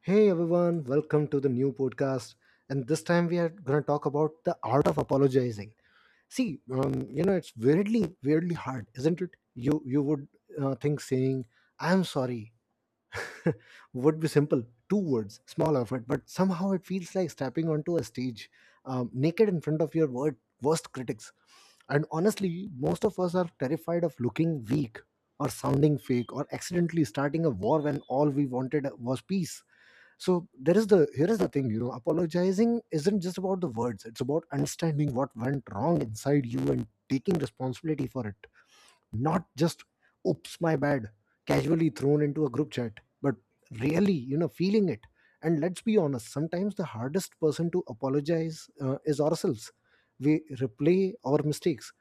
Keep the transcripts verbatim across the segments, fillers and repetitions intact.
Hey everyone, welcome to the new podcast. And this time we are going to talk about the art of apologizing. See, um, you know, it's weirdly, weirdly hard, isn't it? You you would uh, think saying "I'm sorry" would be simple, two words, small effort, but somehow it feels like stepping onto a stage, um, naked in front of your word, worst critics. And honestly, most of us are terrified of looking weak or sounding fake or accidentally starting a war when all we wanted was peace. So there is the here is the thing, you know, apologizing isn't just about the words. It's about understanding what went wrong inside you and taking responsibility for it, not just "oops my bad" casually thrown into a group chat, but really, you know, feeling it. And let's be honest, sometimes the hardest person to apologize uh, is ourselves. We replay our mistakes,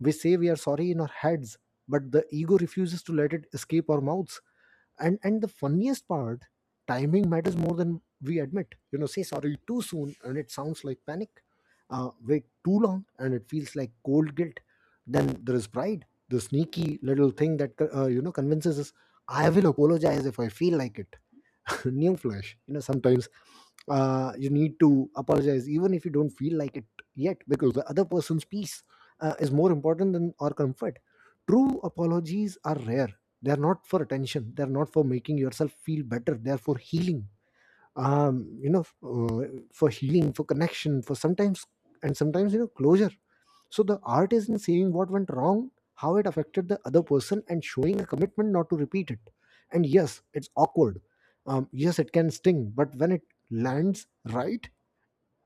we say we are sorry in our heads, but the ego refuses to let it escape our mouths. And and the funniest part, timing matters more than we admit. You know, say sorry too soon and it sounds like panic. Uh, wait too long and it feels like cold guilt. Then there is pride, the sneaky little thing that, uh, you know, convinces us, "I will apologize if I feel like it." New flash, you know, sometimes uh, you need to apologize even if you don't feel like it yet, because the other person's peace uh, is more important than our comfort. True apologies are rare. They are not for attention, they are not for making yourself feel better, they are for healing. um you know uh, for healing, for connection, for sometimes, and sometimes, you know, closure. So the art is in seeing what went wrong, how it affected the other person, and showing a commitment not to repeat it. And yes, it's awkward. Um yes, it can sting, but when it lands right,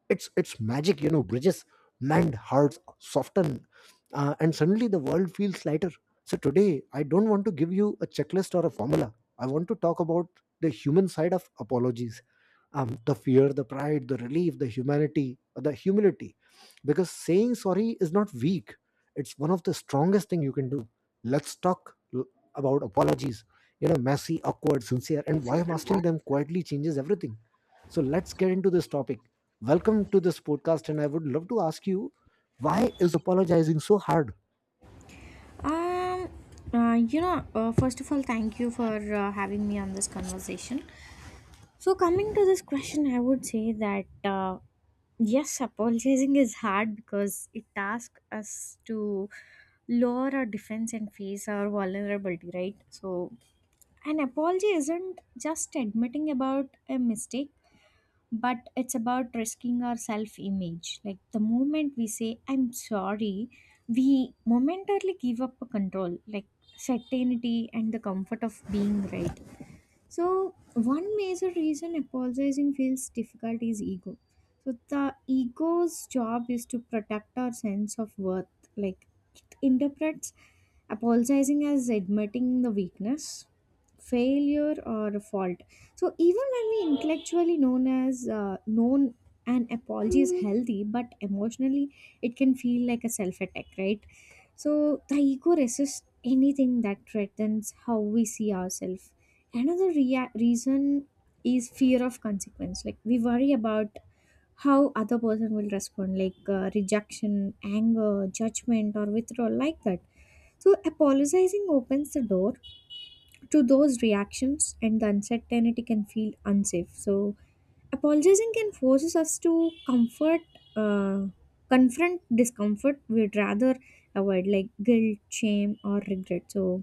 it's it's magic. You know, bridges mend, hearts soften, uh, and suddenly the world feels lighter. So today I don't want to give you a checklist or a formula. I want to talk about the human side of apologies, um, the fear, the pride, the relief, the humanity, the humility. Because saying sorry is not weak. It's one of the strongest thing you can do. Let's talk l- about apologies, you know, messy, awkward, sincere, and why mastering them quietly changes everything. So let's get into this topic. Welcome to this podcast, and I would love to ask you, why is apologizing so hard? Um, uh, you know, uh, First of all, thank you for uh, having me on this conversation. So, coming to this question, I would say that uh, yes, apologizing is hard because it asks us to lower our defense and face our vulnerability, right? So, an apology isn't just admitting about a mistake, but it's about risking our self image. Like, the moment we say I'm sorry, we momentarily give up control, like certainty and the comfort of being right. So one major reason apologizing feels difficult is ego. So the ego's job is to protect our sense of worth. Like, it interprets apologizing as admitting the weakness, failure, or fault. So even when we intellectually known as uh, known an apology is healthy, but emotionally it can feel like a self attack, right? So the ego resists anything that threatens how we see ourselves. Another rea- reason is fear of consequence, like we worry about how other person will respond, like uh, rejection, anger, judgment, or withdrawal, like that. So apologizing opens the door to those reactions, and the uncertainty can feel unsafe. So apologizing can forces us to comfort, uh, confront discomfort we'd rather avoid, like guilt, shame, or regret. So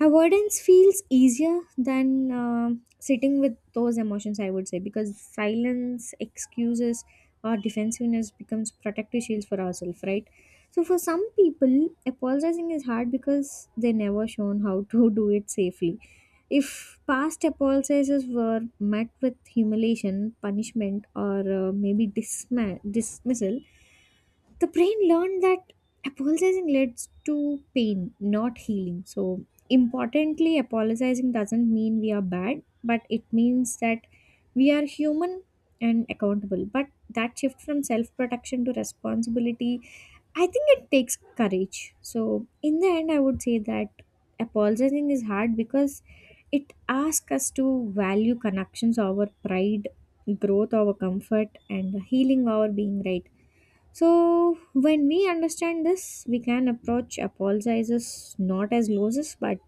avoidance feels easier than uh, sitting with those emotions, I would say, because silence, excuses, or defensiveness becomes protective shields for ourselves, right? So for some people, apologizing is hard because they never shown how to do it safely. If past apologizes were met with humiliation, punishment, or uh, maybe disma- dismissal, the brain learned that apologizing leads to pain, not healing. So, importantly, apologizing doesn't mean we are bad, but it means that we are human and accountable. But that shift from self protection to responsibility, I think it takes courage. So, in the end, I would say that apologizing is hard because it asks us to value connections over pride, growth over comfort, and healing over being right. So, when we understand this, we can approach apologizes not as losses, but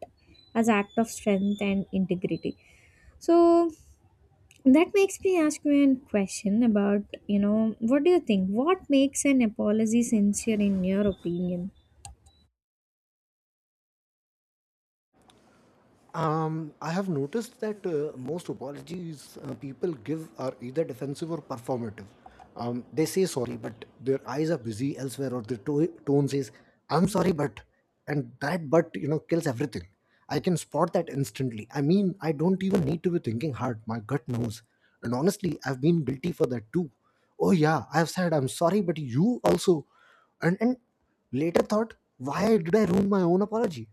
as act of strength and integrity. So, that makes me ask you a question about, you know, what do you think? What makes an apology sincere in your opinion? Um, I have noticed that uh, most apologies uh, people give are either defensive or performative. Um, they say sorry, but their eyes are busy elsewhere, or their to- tone says, "I'm sorry, but," and that "but," you know, kills everything. I can spot that instantly. I mean, I don't even need to be thinking hard. My gut knows, and honestly, I've been guilty for that too. Oh yeah, I've said I'm sorry, but you also, and and later thought, why did I ruin my own apology?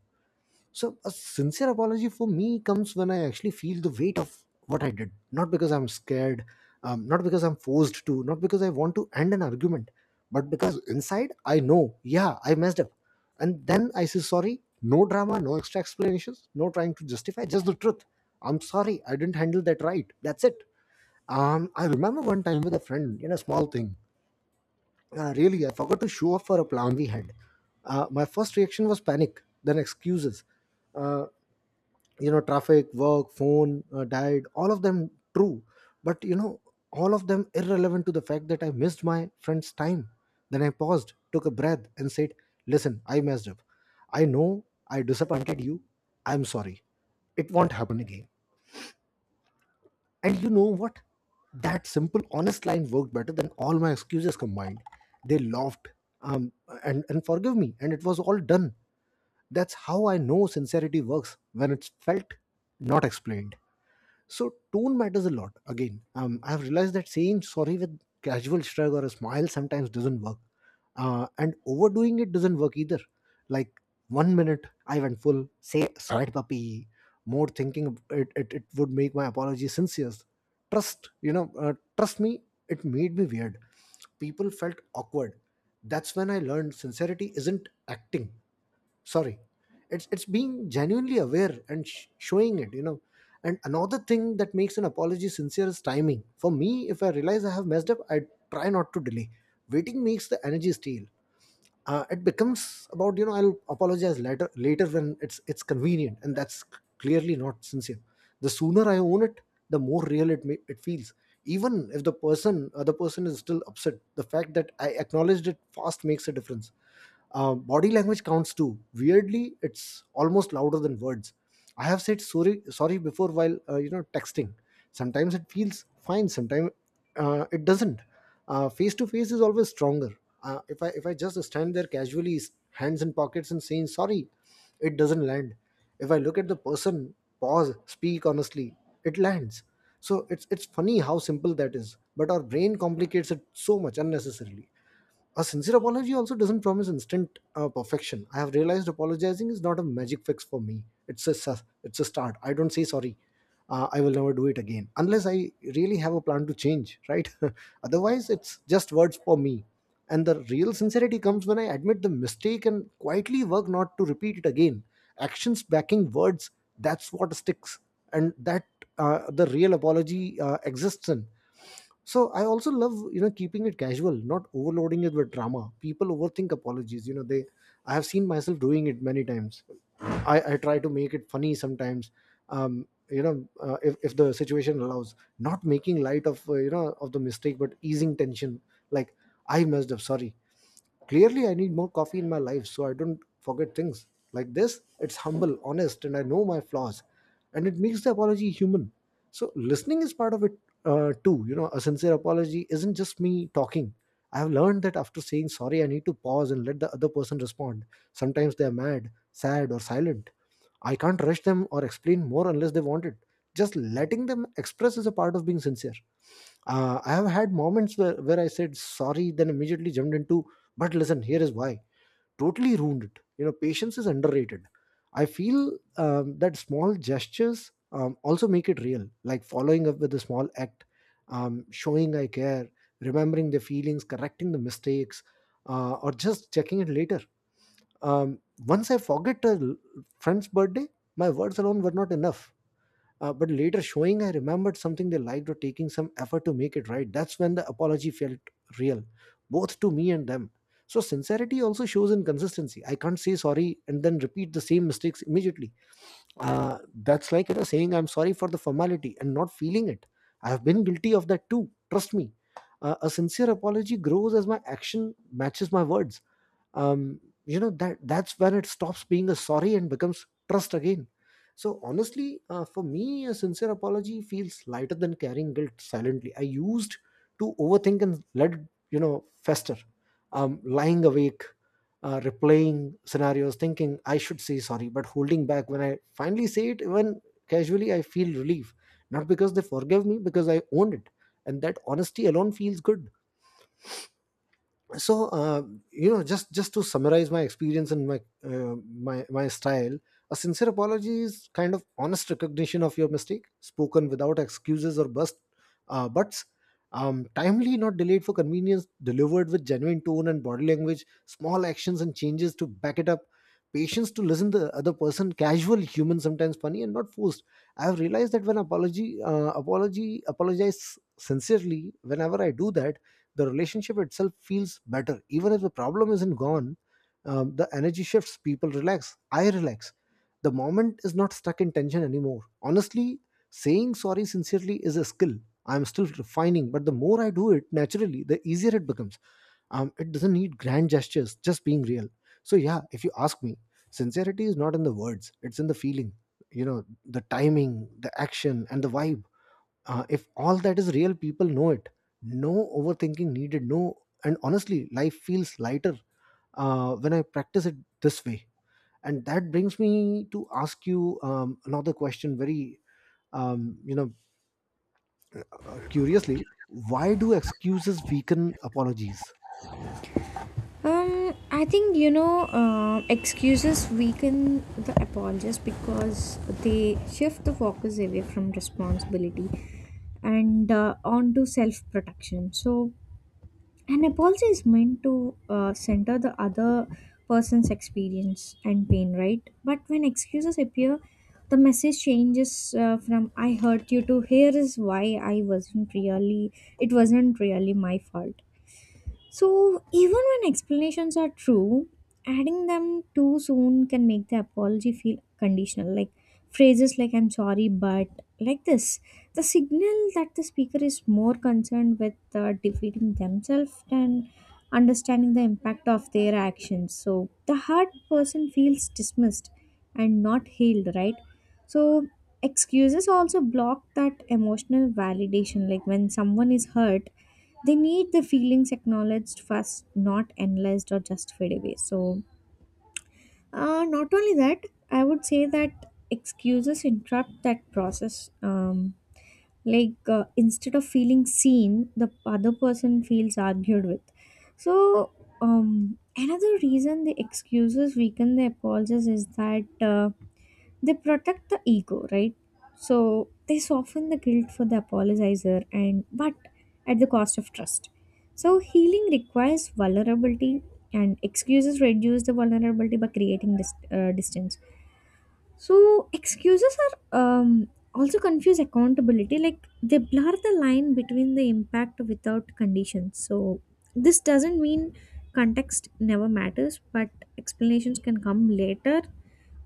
So, a sincere apology for me comes when I actually feel the weight of what I did, not because I'm scared, um, not because I'm forced to, not because I want to end an argument, but because inside I know, yeah, I messed up. And then I say sorry, no drama, no extra explanations, no trying to justify, just the truth. I'm sorry, I didn't handle that right. That's it. Um, I remember one time with a friend in a small thing. Uh, really, I forgot to show up for a plan we had. Uh, my first reaction was panic, then excuses. Uh, you know, traffic, work, phone, uh, diet, all of them true, but, you know, all of them irrelevant to the fact that I missed my friend's time. Then I paused, took a breath, and said, "Listen, I messed up. I know I disappointed you. I'm sorry. It won't happen again." And you know what, that simple honest line worked better than all my excuses combined. They laughed, um, and and forgave me, and it was all done. That's how I know sincerity works when it's felt, not explained. So tone matters a lot. Again, um, I've realized that saying sorry with casual shrug or a smile sometimes doesn't work, uh, and overdoing it doesn't work either. Like one minute I went full, say sorry, puppy. More thinking of it, it, it would make my apology sincere. Trust, you know, uh, trust me, it made me weird. People felt awkward. That's when I learned sincerity isn't acting sorry, it's it's being genuinely aware and sh- showing it, you know. And another thing that makes an apology sincere is timing. For me, if I realize I have messed up, I try not to delay. Waiting makes the energy stale. Uh, it becomes about, you know, I'll apologize later, later when it's it's convenient, and that's c- clearly not sincere. The sooner I own it, the more real it may, it feels. Even if the person other person is still upset, the fact that I acknowledged it fast makes a difference. Uh, body language counts too. Weirdly, it's almost louder than words. I have said sorry, sorry before while, uh, you know, texting. Sometimes it feels fine. Sometimes uh, it doesn't. Face to face is always stronger. Uh, if I if I just stand there casually, s- hands in pockets and saying sorry, it doesn't land. If I look at the person, pause, speak honestly, it lands. So it's it's funny how simple that is, but our brain complicates it so much unnecessarily. A sincere apology also doesn't promise instant uh, perfection. I have realized apologizing is not a magic fix for me. It's a sus- it's a start. I don't say sorry, Uh, I will never do it again unless I really have a plan to change, right? Otherwise, it's just words for me. And the real sincerity comes when I admit the mistake and quietly work not to repeat it again. Actions backing words. That's what sticks, and that, uh, the real apology uh, exists in. So I also love, you know, keeping it casual, not overloading it with drama. People overthink apologies. You know they. I have seen myself doing it many times. I, I try to make it funny sometimes. Um, you know, uh, if, if the situation allows, not making light of, uh, you know, of the mistake, but easing tension. Like, I messed up, sorry. Clearly, I need more coffee in my life so I don't forget things like this. It's humble, honest, and I know my flaws, and it makes the apology human. So, listening is part of it uh, too. You know, a sincere apology isn't just me talking. I have learned that after saying sorry, I need to pause and let the other person respond. Sometimes they are mad, sad, or silent. I can't rush them or explain more unless they want it. Just letting them express is a part of being sincere. Uh, I have had moments where, where I said sorry, then immediately jumped into, but listen, here is why. Totally ruined it. You know, patience is underrated. I feel um, that small gestures um, also make it real, like following up with a small act, um, showing I care, remembering the feelings, correcting the mistakes, uh, or just checking it later. um, Once I forget a l- friend's birthday, my words alone were not enough. Uh, but later, showing I remembered something they liked or taking some effort to make it right, that's when the apology felt real, both to me and them. So, sincerity also shows in consistency. I can't say sorry and then repeat the same mistakes immediately. Uh, that's like, you know, saying I'm sorry for the formality and not feeling it. I have been guilty of that too, trust me. Uh, a sincere apology grows as my action matches my words. um, you know that that's when it stops being a sorry and becomes trust again. So honestly, uh, for me a sincere apology feels lighter than carrying guilt silently. I used to overthink and let it, you know fester. Um, lying awake, uh, replaying scenarios, thinking I should say sorry but holding back. When I finally say it, even casually, I feel relief, not because they forgave me, because I owned it. And that honesty alone feels good. So, uh, you know just just to summarize my experience and my uh, my my style: a sincere apology is kind of honest recognition of your mistake, spoken without excuses or bust uh, buts. Um, timely, not delayed for convenience, delivered with genuine tone and body language, small actions and changes to back it up, patience to listen to the other person, casual, human, sometimes funny and not forced. I have realized that when apology uh, apology apologize sincerely, whenever I do that, the relationship itself feels better, even if the problem isn't gone. Um, the energy shifts, people relax, I relax. The moment is not stuck in tension anymore, honestly. Saying sorry sincerely is a skill I'm still refining, but the more I do it naturally, the easier it becomes. Um, it doesn't need grand gestures, just being real. So yeah, if you ask me, sincerity is not in the words, it's in the feeling, you know the timing, the action and the vibe. Uh, if all that is real, people know it. No overthinking needed, no. And honestly, life feels lighter uh, when I practice it this way. And that brings me to ask you um, another question, very um, you know uh, curiously: why do excuses weaken apologies? Um, I think you know, uh, excuses weaken the apologists because they shift the focus away from responsibility and uh, onto self protection. So, an apology is meant to uh, center the other person's experience and pain, right? But when excuses appear, the message changes uh, from "I hurt you" to "Here is why I wasn't really. It wasn't really my fault." So, even when explanations are true, adding them too soon can make the apology feel conditional. Like phrases like I'm sorry, but, like this, the signal that the speaker is more concerned with uh, defeating themselves than understanding the impact of their actions. So, the hurt person feels dismissed and not healed, right? So, excuses also block that emotional validation. Like, when someone is hurt, they need the feelings acknowledged first, not analyzed or justified away. So uh, not only that, I would say that excuses interrupt that process. Um, like uh, instead of feeling seen, the other person feels argued with. So um, another reason the excuses weaken the apologies is that uh, they protect the ego, right? So they soften the guilt for the apologizer, and but at the cost of trust. So healing requires vulnerability, and excuses reduce the vulnerability by creating this uh, distance. So excuses are, um, also confuse accountability, like they blur the line between the impact without conditions. So this doesn't mean context never matters, but explanations can come later,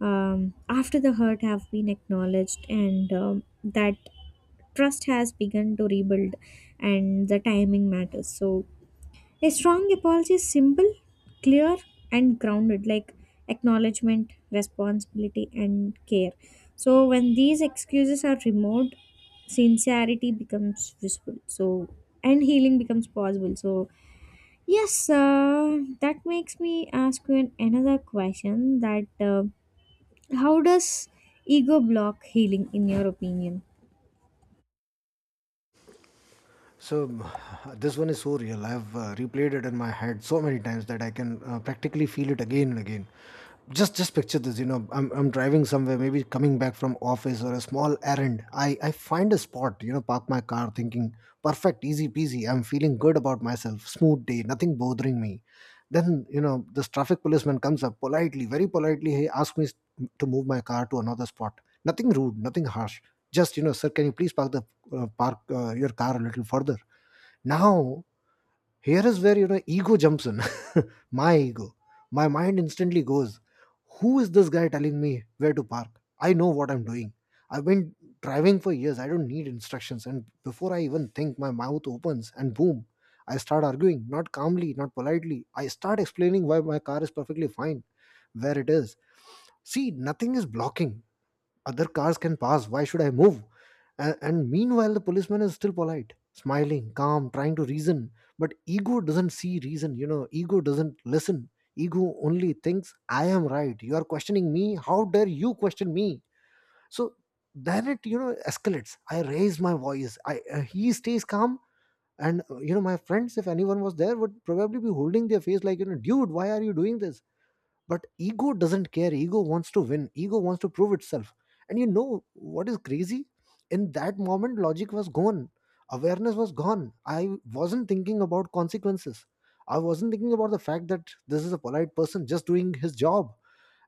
um, after the hurt have been acknowledged, and um, that trust has begun to rebuild. And the timing matters. So a strong apology is simple, clear, and grounded, like acknowledgement, responsibility, and care. So when these excuses are removed, sincerity becomes visible. So, and healing becomes possible. So yes, uh, that makes me ask you an, another question, that uh, how does ego block healing, in your opinion? So, this one is so real. I've uh, replayed it in my head so many times that I can uh, practically feel it again and again. Just just picture this, you know, I'm, I'm driving somewhere, maybe coming back from office or a small errand. I, I find a spot, you know, park my car thinking, perfect, easy peasy. I'm feeling good about myself. Smooth day, nothing bothering me. Then, you know, this traffic policeman comes up politely, very politely. He asks me to move my car to another spot. Nothing rude, nothing harsh. Just, you know, "Sir, can you please park the uh, park uh, your car a little further." Now, here is where, you know, ego jumps in. My ego. My mind instantly goes, "Who is this guy telling me where to park? I know what I'm doing. I've been driving for years. I don't need instructions." And before I even think, my mouth opens and boom, I start arguing, not calmly, not politely. I start explaining why my car is perfectly fine where it is. See, nothing is blocking, other cars can pass, why should I move? And, and meanwhile, the policeman is still polite, smiling, calm, trying to reason. But ego doesn't see reason, you know, ego doesn't listen. Ego only thinks, "I am right. You are questioning me? How dare you question me?" So then it, you know, escalates. I raise my voice. I uh, He stays calm. And uh, you know, my friends, if anyone was there, would probably be holding their face like, you know, "Dude, why are you doing this?" But ego doesn't care. Ego wants to win. Ego wants to prove itself. And you know what is crazy? In that moment, logic was gone, awareness was gone. I wasn't thinking about consequences. I wasn't thinking about the fact that this is a polite person just doing his job.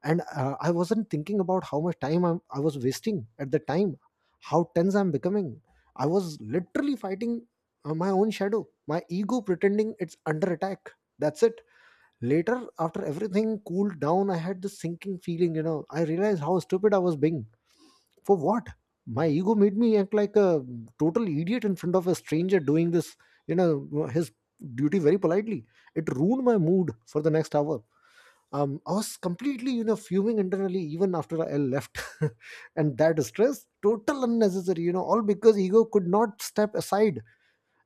And uh, I wasn't thinking about how much time I'm, i was wasting at the time, how tense I'm becoming. I was literally fighting uh, my own shadow, my ego pretending it's under attack. That's it. Later, after everything cooled down, I had this sinking feeling, you know. I realized how stupid I was being. For what? My ego made me act like a total idiot in front of a stranger doing this, you know, his duty, very politely. It ruined my mood for the next hour. Um, I was completely, you know, fuming internally even after I left. And that stress, total unnecessary, you know, all because ego could not step aside.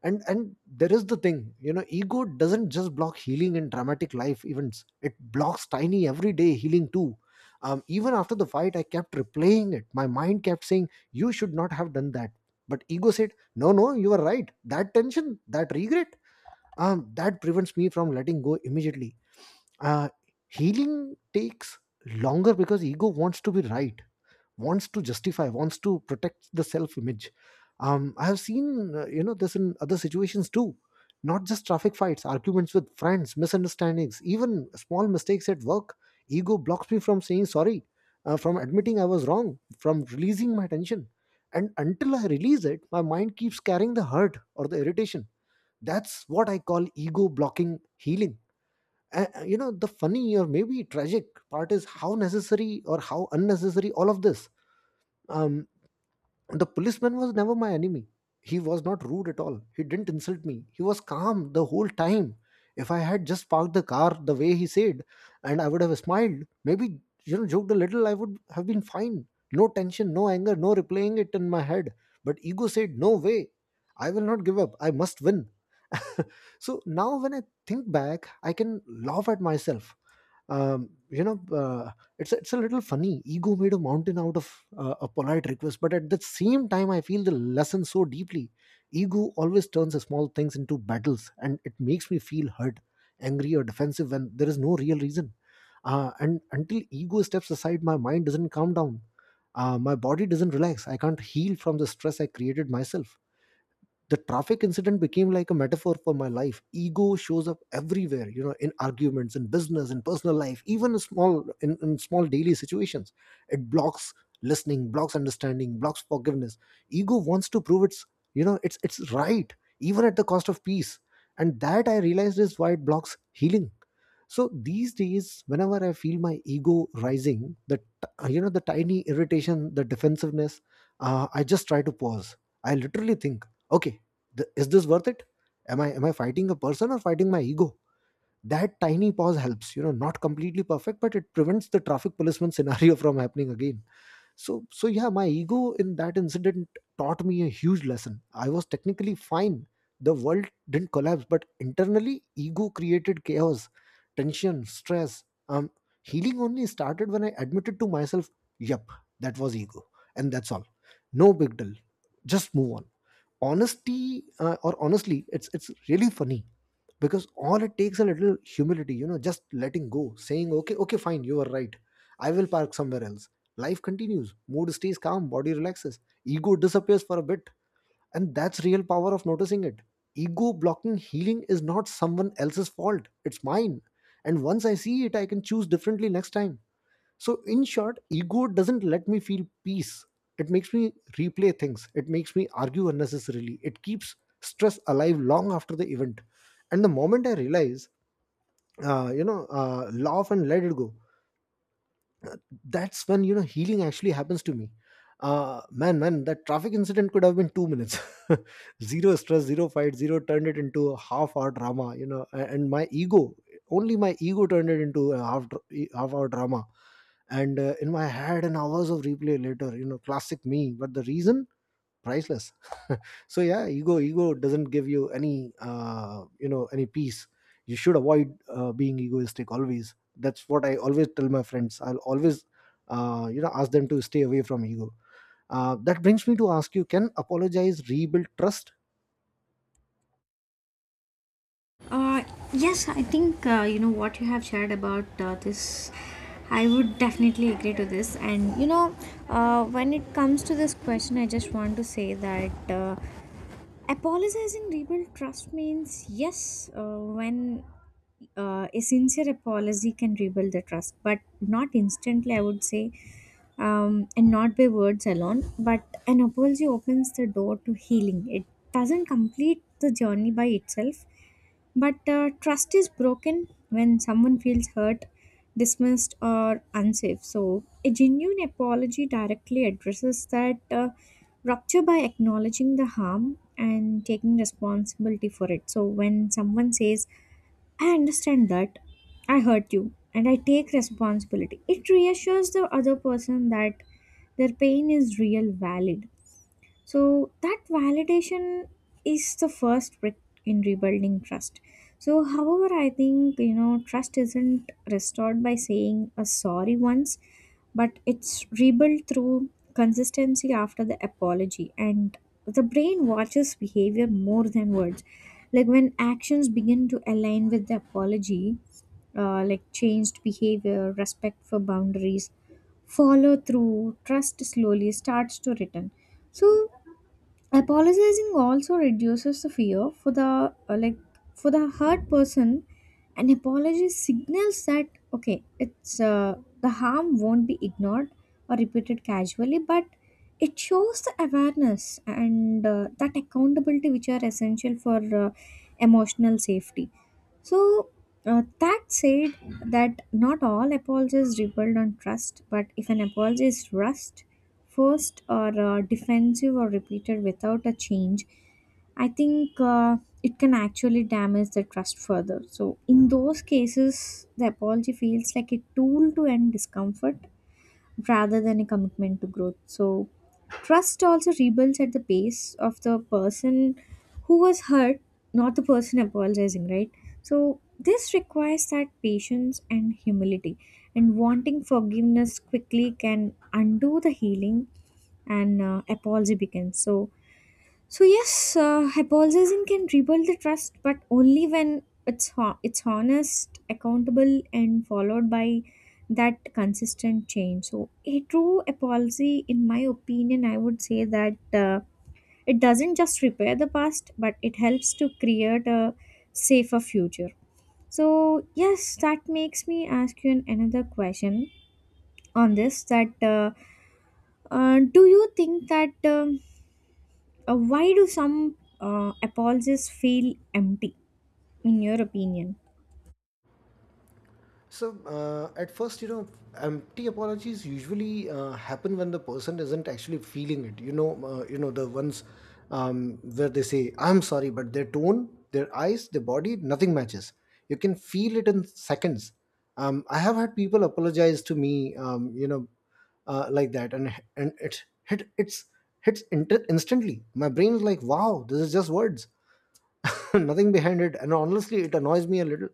And and there is the thing, you know, ego doesn't just block healing in dramatic life events, it blocks tiny everyday healing too. Um, even after the fight, I kept replaying it. My mind kept saying, "You should not have done that." But ego said, "No, no, you are right." That tension, that regret, um, that prevents me from letting go immediately. uh, Healing takes longer because ego wants to be right, wants to justify, wants to protect the self image. um, I have seen, uh, you know, this in other situations too, not just traffic fights, arguments with friends, misunderstandings, even small mistakes at work. Ego blocks me from saying sorry, uh, from admitting I was wrong, from releasing my tension. And until I release it, my mind keeps carrying the hurt or the irritation. That's what I call ego blocking healing. Uh, you know, the funny, or maybe tragic, part is how necessary, or how unnecessary, all of this. um, the policeman was never my enemy. He was not rude at all. He didn't insult me. He was calm the whole time. If I had just parked the car the way he said, and I would have smiled, maybe you know, joked a little, I would have been fine. No tension, no anger, no replaying it in my head. But ego said, "No way. I will not give up. I must win." So now when I think back, I can laugh at myself. um, you know uh, it's it's a little funny. Ego made a mountain out of uh, a polite request, but at the same time, I feel the lesson so deeply. Ego always turns the small things into battles, and it makes me feel hurt, angry or defensive when there is no real reason. Uh, and until ego steps aside, my mind doesn't calm down, uh, my body doesn't relax, I can't heal from the stress I created myself. The traffic incident became like a metaphor for my life. Ego shows up everywhere, you know, in arguments, in business, in personal life, even in small, in, in small daily situations. It blocks listening, blocks understanding, blocks forgiveness. Ego wants to prove it's you know it's it's right, even at the cost of peace. And that, I realized, is why it blocks healing. So these days, whenever I feel my ego rising, that, you know, the tiny irritation, the defensiveness, uh, I just try to pause. I literally think, okay, th- is this worth it? Am i am i fighting a person or fighting my ego? That tiny pause helps, you know, not completely perfect, but it prevents the traffic policeman scenario from happening again. So so yeah, my ego in that incident taught me a huge lesson. I was technically fine, the world didn't collapse, but internally ego created chaos, tension, stress. um Healing only started when I admitted to myself, "Yep, that was ego, and that's all. No big deal. Just move on." honesty uh, or Honestly, it's it's really funny, because all it takes, a little humility, you know, just letting go, saying, "Okay, okay, fine, you are right. I will park somewhere else." Life continues, mood stays calm, body relaxes, ego disappears for a bit. And that's real power of noticing it. Ego blocking healing is not someone else's fault, it's mine. And once I see it, I can choose differently next time. So, in short, ego doesn't let me feel peace. It makes me replay things. It makes me argue unnecessarily. It keeps stress alive long after the event. And the moment I realize, uh, you know, uh, laugh and let it go, that's when, you know, healing actually happens to me. uh man man that traffic incident could have been two minutes. Zero stress, zero fight, zero. Turned it into a half hour drama, you know. A- and my ego, only my ego, turned it into a half dr- e- half hour drama, and uh, in my head, and hours of replay later, you know, classic me. But the reason, priceless. So yeah, ego ego doesn't give you any, uh, you know, any peace. You should avoid uh, being egoistic always. That's what I always tell my friends. I'll always uh, you know, ask them to stay away from ego. Uh, that brings me to ask you: can apologize rebuild trust? Uh, yes, I think uh, you know what you have shared about uh, this. I would definitely agree to this. And you know, uh, when it comes to this question, I just want to say that uh, apologizing rebuild trust means yes, uh, when uh, a sincere apology can rebuild the trust, but not instantly, I would say, um, and not by words alone. But an apology opens the door to healing. It doesn't complete the journey by itself, but uh, trust is broken when someone feels hurt, dismissed, or unsafe. So, a genuine apology directly addresses that uh, rupture by acknowledging the harm and taking responsibility for it. So, when someone says, I understand that I hurt you and I take responsibility, it reassures the other person that their pain is real, valid, so that validation is the first brick in rebuilding trust. So, however, I think you know trust isn't restored by saying a sorry once, but it's rebuilt through consistency after the apology, and the brain watches behavior more than words. Like when actions begin to align with the apology, uh, like changed behavior, respect for boundaries, follow through, trust slowly starts to return. So apologizing also reduces the fear for the uh, like for the hurt person. An apology signals that okay, it's uh, the harm won't be ignored or repeated casually, but it shows the awareness and uh, that accountability, which are essential for uh, emotional safety. So, uh, that said, that not all apologies rebuild on trust, but if an apology is rushed, forced, or uh, defensive, or repeated without a change, I think uh, it can actually damage the trust further. So, in those cases, the apology feels like a tool to end discomfort rather than a commitment to growth. So, trust also rebuilds at the pace of the person who was hurt, not the person apologizing, right? So, this requires that patience and humility, and wanting forgiveness quickly can undo the healing and uh, apology begins. So, so yes, uh, hypothesis can rebuild the trust, but only when it's ho- it's honest, accountable, and followed by that consistent change. So a true apology, in my opinion, I would say that uh, it doesn't just repair the past, but it helps to create a safer future. So yes, that makes me ask you an- another question on this. That uh, uh, do you think that? Um, uh, why do some uh, apologies feel empty, in your opinion? So, uh, at first, you know, empty apologies usually uh, happen when the person isn't actually feeling it. You know, uh, you know, the ones, um, where they say, "I'm sorry," but their tone, their eyes, their body, nothing matches. You can feel it in seconds. Um, I have had people apologize to me, um, you know, uh, like that, and and it hit it's hits inter- instantly. My brain is like, "Wow, this is just words." Nothing behind it. And honestly, it annoys me a little,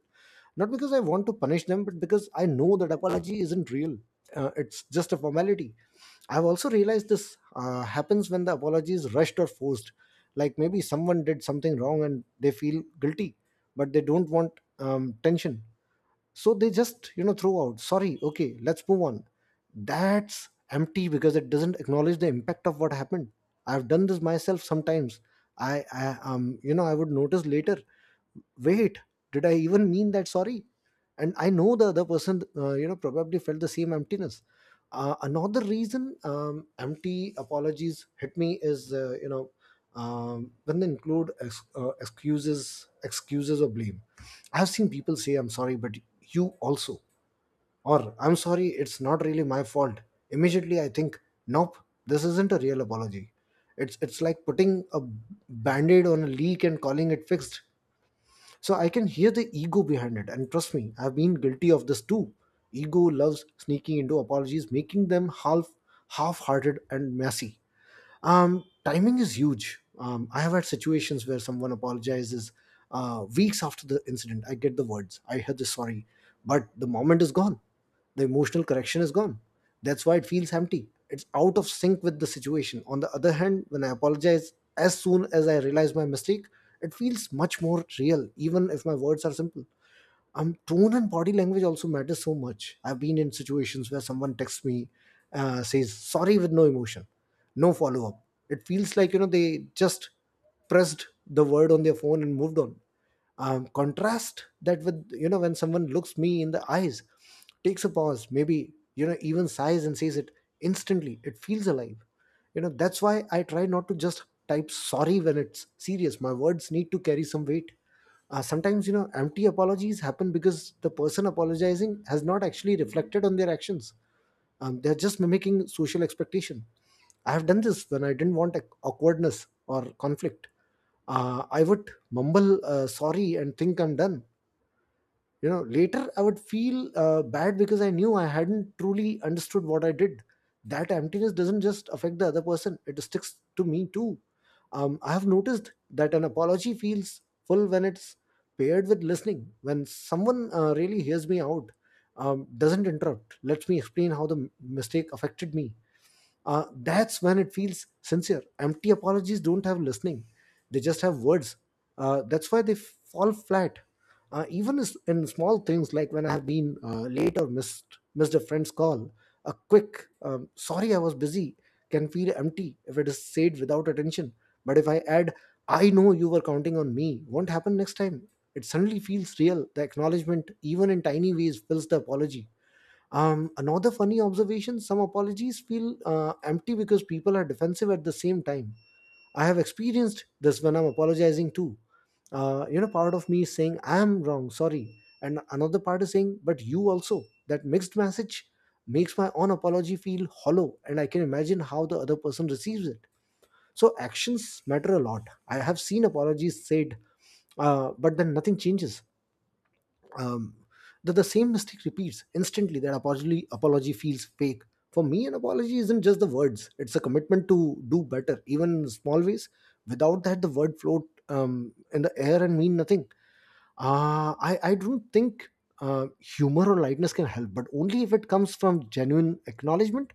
not because I want to punish them, but because I know that apology isn't real. Uh, it's just a formality. I've also realized this uh, happens when the apology is rushed or forced. Like maybe someone did something wrong and they feel guilty, but they don't want um, tension. So they just, you know, throw out, "Sorry, okay, let's move on." That's empty because it doesn't acknowledge the impact of what happened. I've done this myself sometimes. I, I um you know I would notice later. "Wait, did I even mean that? Sorry," and I know the other person uh, you know, probably felt the same emptiness. Uh, another reason um, empty apologies hit me is uh, you know um, when they include ex- uh, excuses, excuses or blame. I've seen people say, "I'm sorry, but you also." Or, "I'm sorry, it's not really my fault." Immediately I think, nope, this isn't a real apology. It's, it's like putting a band aid on a leak and calling it fixed. So I can hear the ego behind it. And trust me, I've been guilty of this too. Ego loves sneaking into apologies, making them half half hearted and messy. Um, timing is huge. Um, I have had situations where someone apologizes uh, weeks after the incident. I get the words, I hear the sorry, but the moment is gone. The emotional correction is gone. That's why it feels empty. It's out of sync with the situation. On the other hand, when I apologize as soon as I realize my mistake, it feels much more real, even if my words are simple. Um, tone and body language also matters so much. I've been in situations where someone texts me, uh, says sorry with no emotion, no follow up. It feels like you know they just pressed the word on their phone and moved on. Um, contrast that with you know when someone looks me in the eyes, takes a pause, maybe you know even sighs and says it. Instantly it feels alive. You know that's why I try not to just type sorry when it's serious. My words need to carry some weight. Uh, sometimes you know empty apologies happen because the person apologizing has not actually reflected on their actions. Um, they're just mimicking social expectation. I have done this when I didn't want ac- awkwardness or conflict. uh, I would mumble uh, sorry and think I'm done. You know later I would feel uh, bad because I knew I hadn't truly understood what I did. That emptiness doesn't just affect the other person, it sticks to me too. um, I have noticed that an apology feels full when it's paired with listening, when someone uh, really hears me out, um, doesn't interrupt, lets me explain how the m- mistake affected me. Uh, that's when it feels sincere. Empty apologies don't have listening, they just have words. Uh, that's why they fall flat. Uh, even s- in small things, like when I have been uh, late or missed, missed a friend's call, a quick um, sorry, I was busy, can feel empty if it is said without attention. But if I add, I know you were counting on me, won't happen next time. It suddenly feels real. The acknowledgement, even in tiny ways, fills the apology. Um, another funny observation, some apologies feel uh, empty because people are defensive at the same time. I have experienced this when I'm apologizing too. Uh, you know, part of me is saying, I am wrong, sorry. And another part is saying, but you also. That mixed message makes my own apology feel hollow, and I can imagine how the other person receives it. So actions matter a lot. I have seen apologies said, uh, but then nothing changes. um, that the same mistake repeats, instantly that apology apology feels fake. For me, an apology isn't just the words, it's a commitment to do better even in small ways. Without that, the word float um, in the air and mean nothing. Uh, I, I don't think uh, humor or lightness can help, but only if it comes from genuine acknowledgement.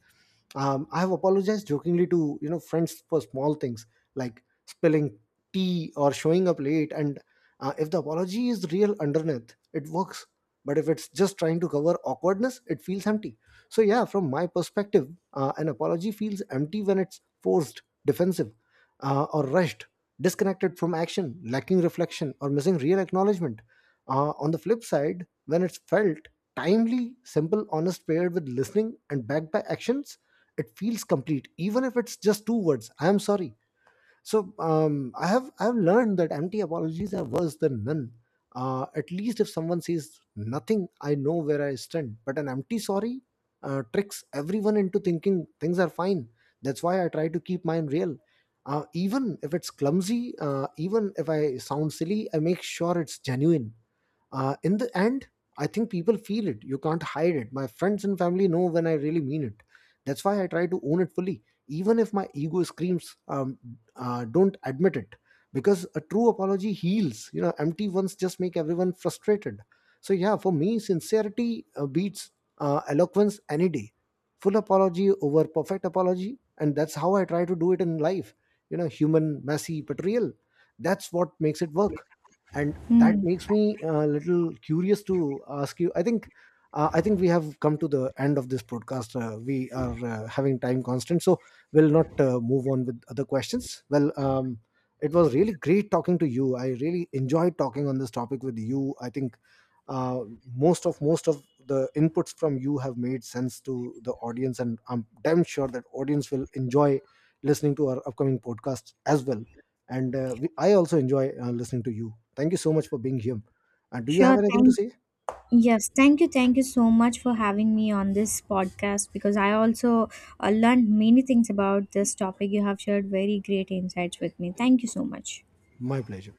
um, I have apologized jokingly to you know friends for small things, like spilling tea or showing up late. And uh, if the apology is real underneath, it works. But if it's just trying to cover awkwardness, it feels empty. So yeah, from my perspective, uh, an apology feels empty when it's forced, defensive, uh, or rushed, disconnected from action, lacking reflection, or missing real acknowledgement. Uh, on the flip side, when it's felt timely, simple, honest, paired with listening and backed by actions, it feels complete, even if it's just two words, I'm sorry. So um, i have i have learned that empty apologies are worse than none. Uh, at least if someone says nothing, I know where I stand, but an empty sorry uh, tricks everyone into thinking things are fine. That's why I try to keep mine real. Uh, even if it's clumsy, uh, even if I sound silly, I make sure it's genuine. Uh, in the end, I think people feel it. You can't hide it. My friends and family know when I really mean it. That's why I try to own it fully, even if my ego screams, um, uh, don't admit it. Because a true apology heals. You know, empty ones just make everyone frustrated. So yeah, for me, sincerity uh, beats uh, eloquence any day. Full apology over perfect apology, and that's how I try to do it in life. You know, human, messy, but real. That's what makes it work, and that Hmm. makes me a little curious to ask you. I think uh, I think we have come to the end of this podcast. Uh, we are uh, having time constant, so we'll not uh, move on with other questions. Well, um, it was really great talking to you. I really enjoyed talking on this topic with you. I think uh, most of most of the inputs from you have made sense to the audience, and I'm damn sure that audience will enjoy listening to our upcoming podcast as well. And uh, we, I also enjoy uh, listening to you. Thank you so much for being here, and do you have Sure. anything to Thank. say? Yes. Thank you. Thank you so much for having me on this podcast because I also uh, learned many things about this topic. You have shared very great insights with me. Thank you so much. My pleasure.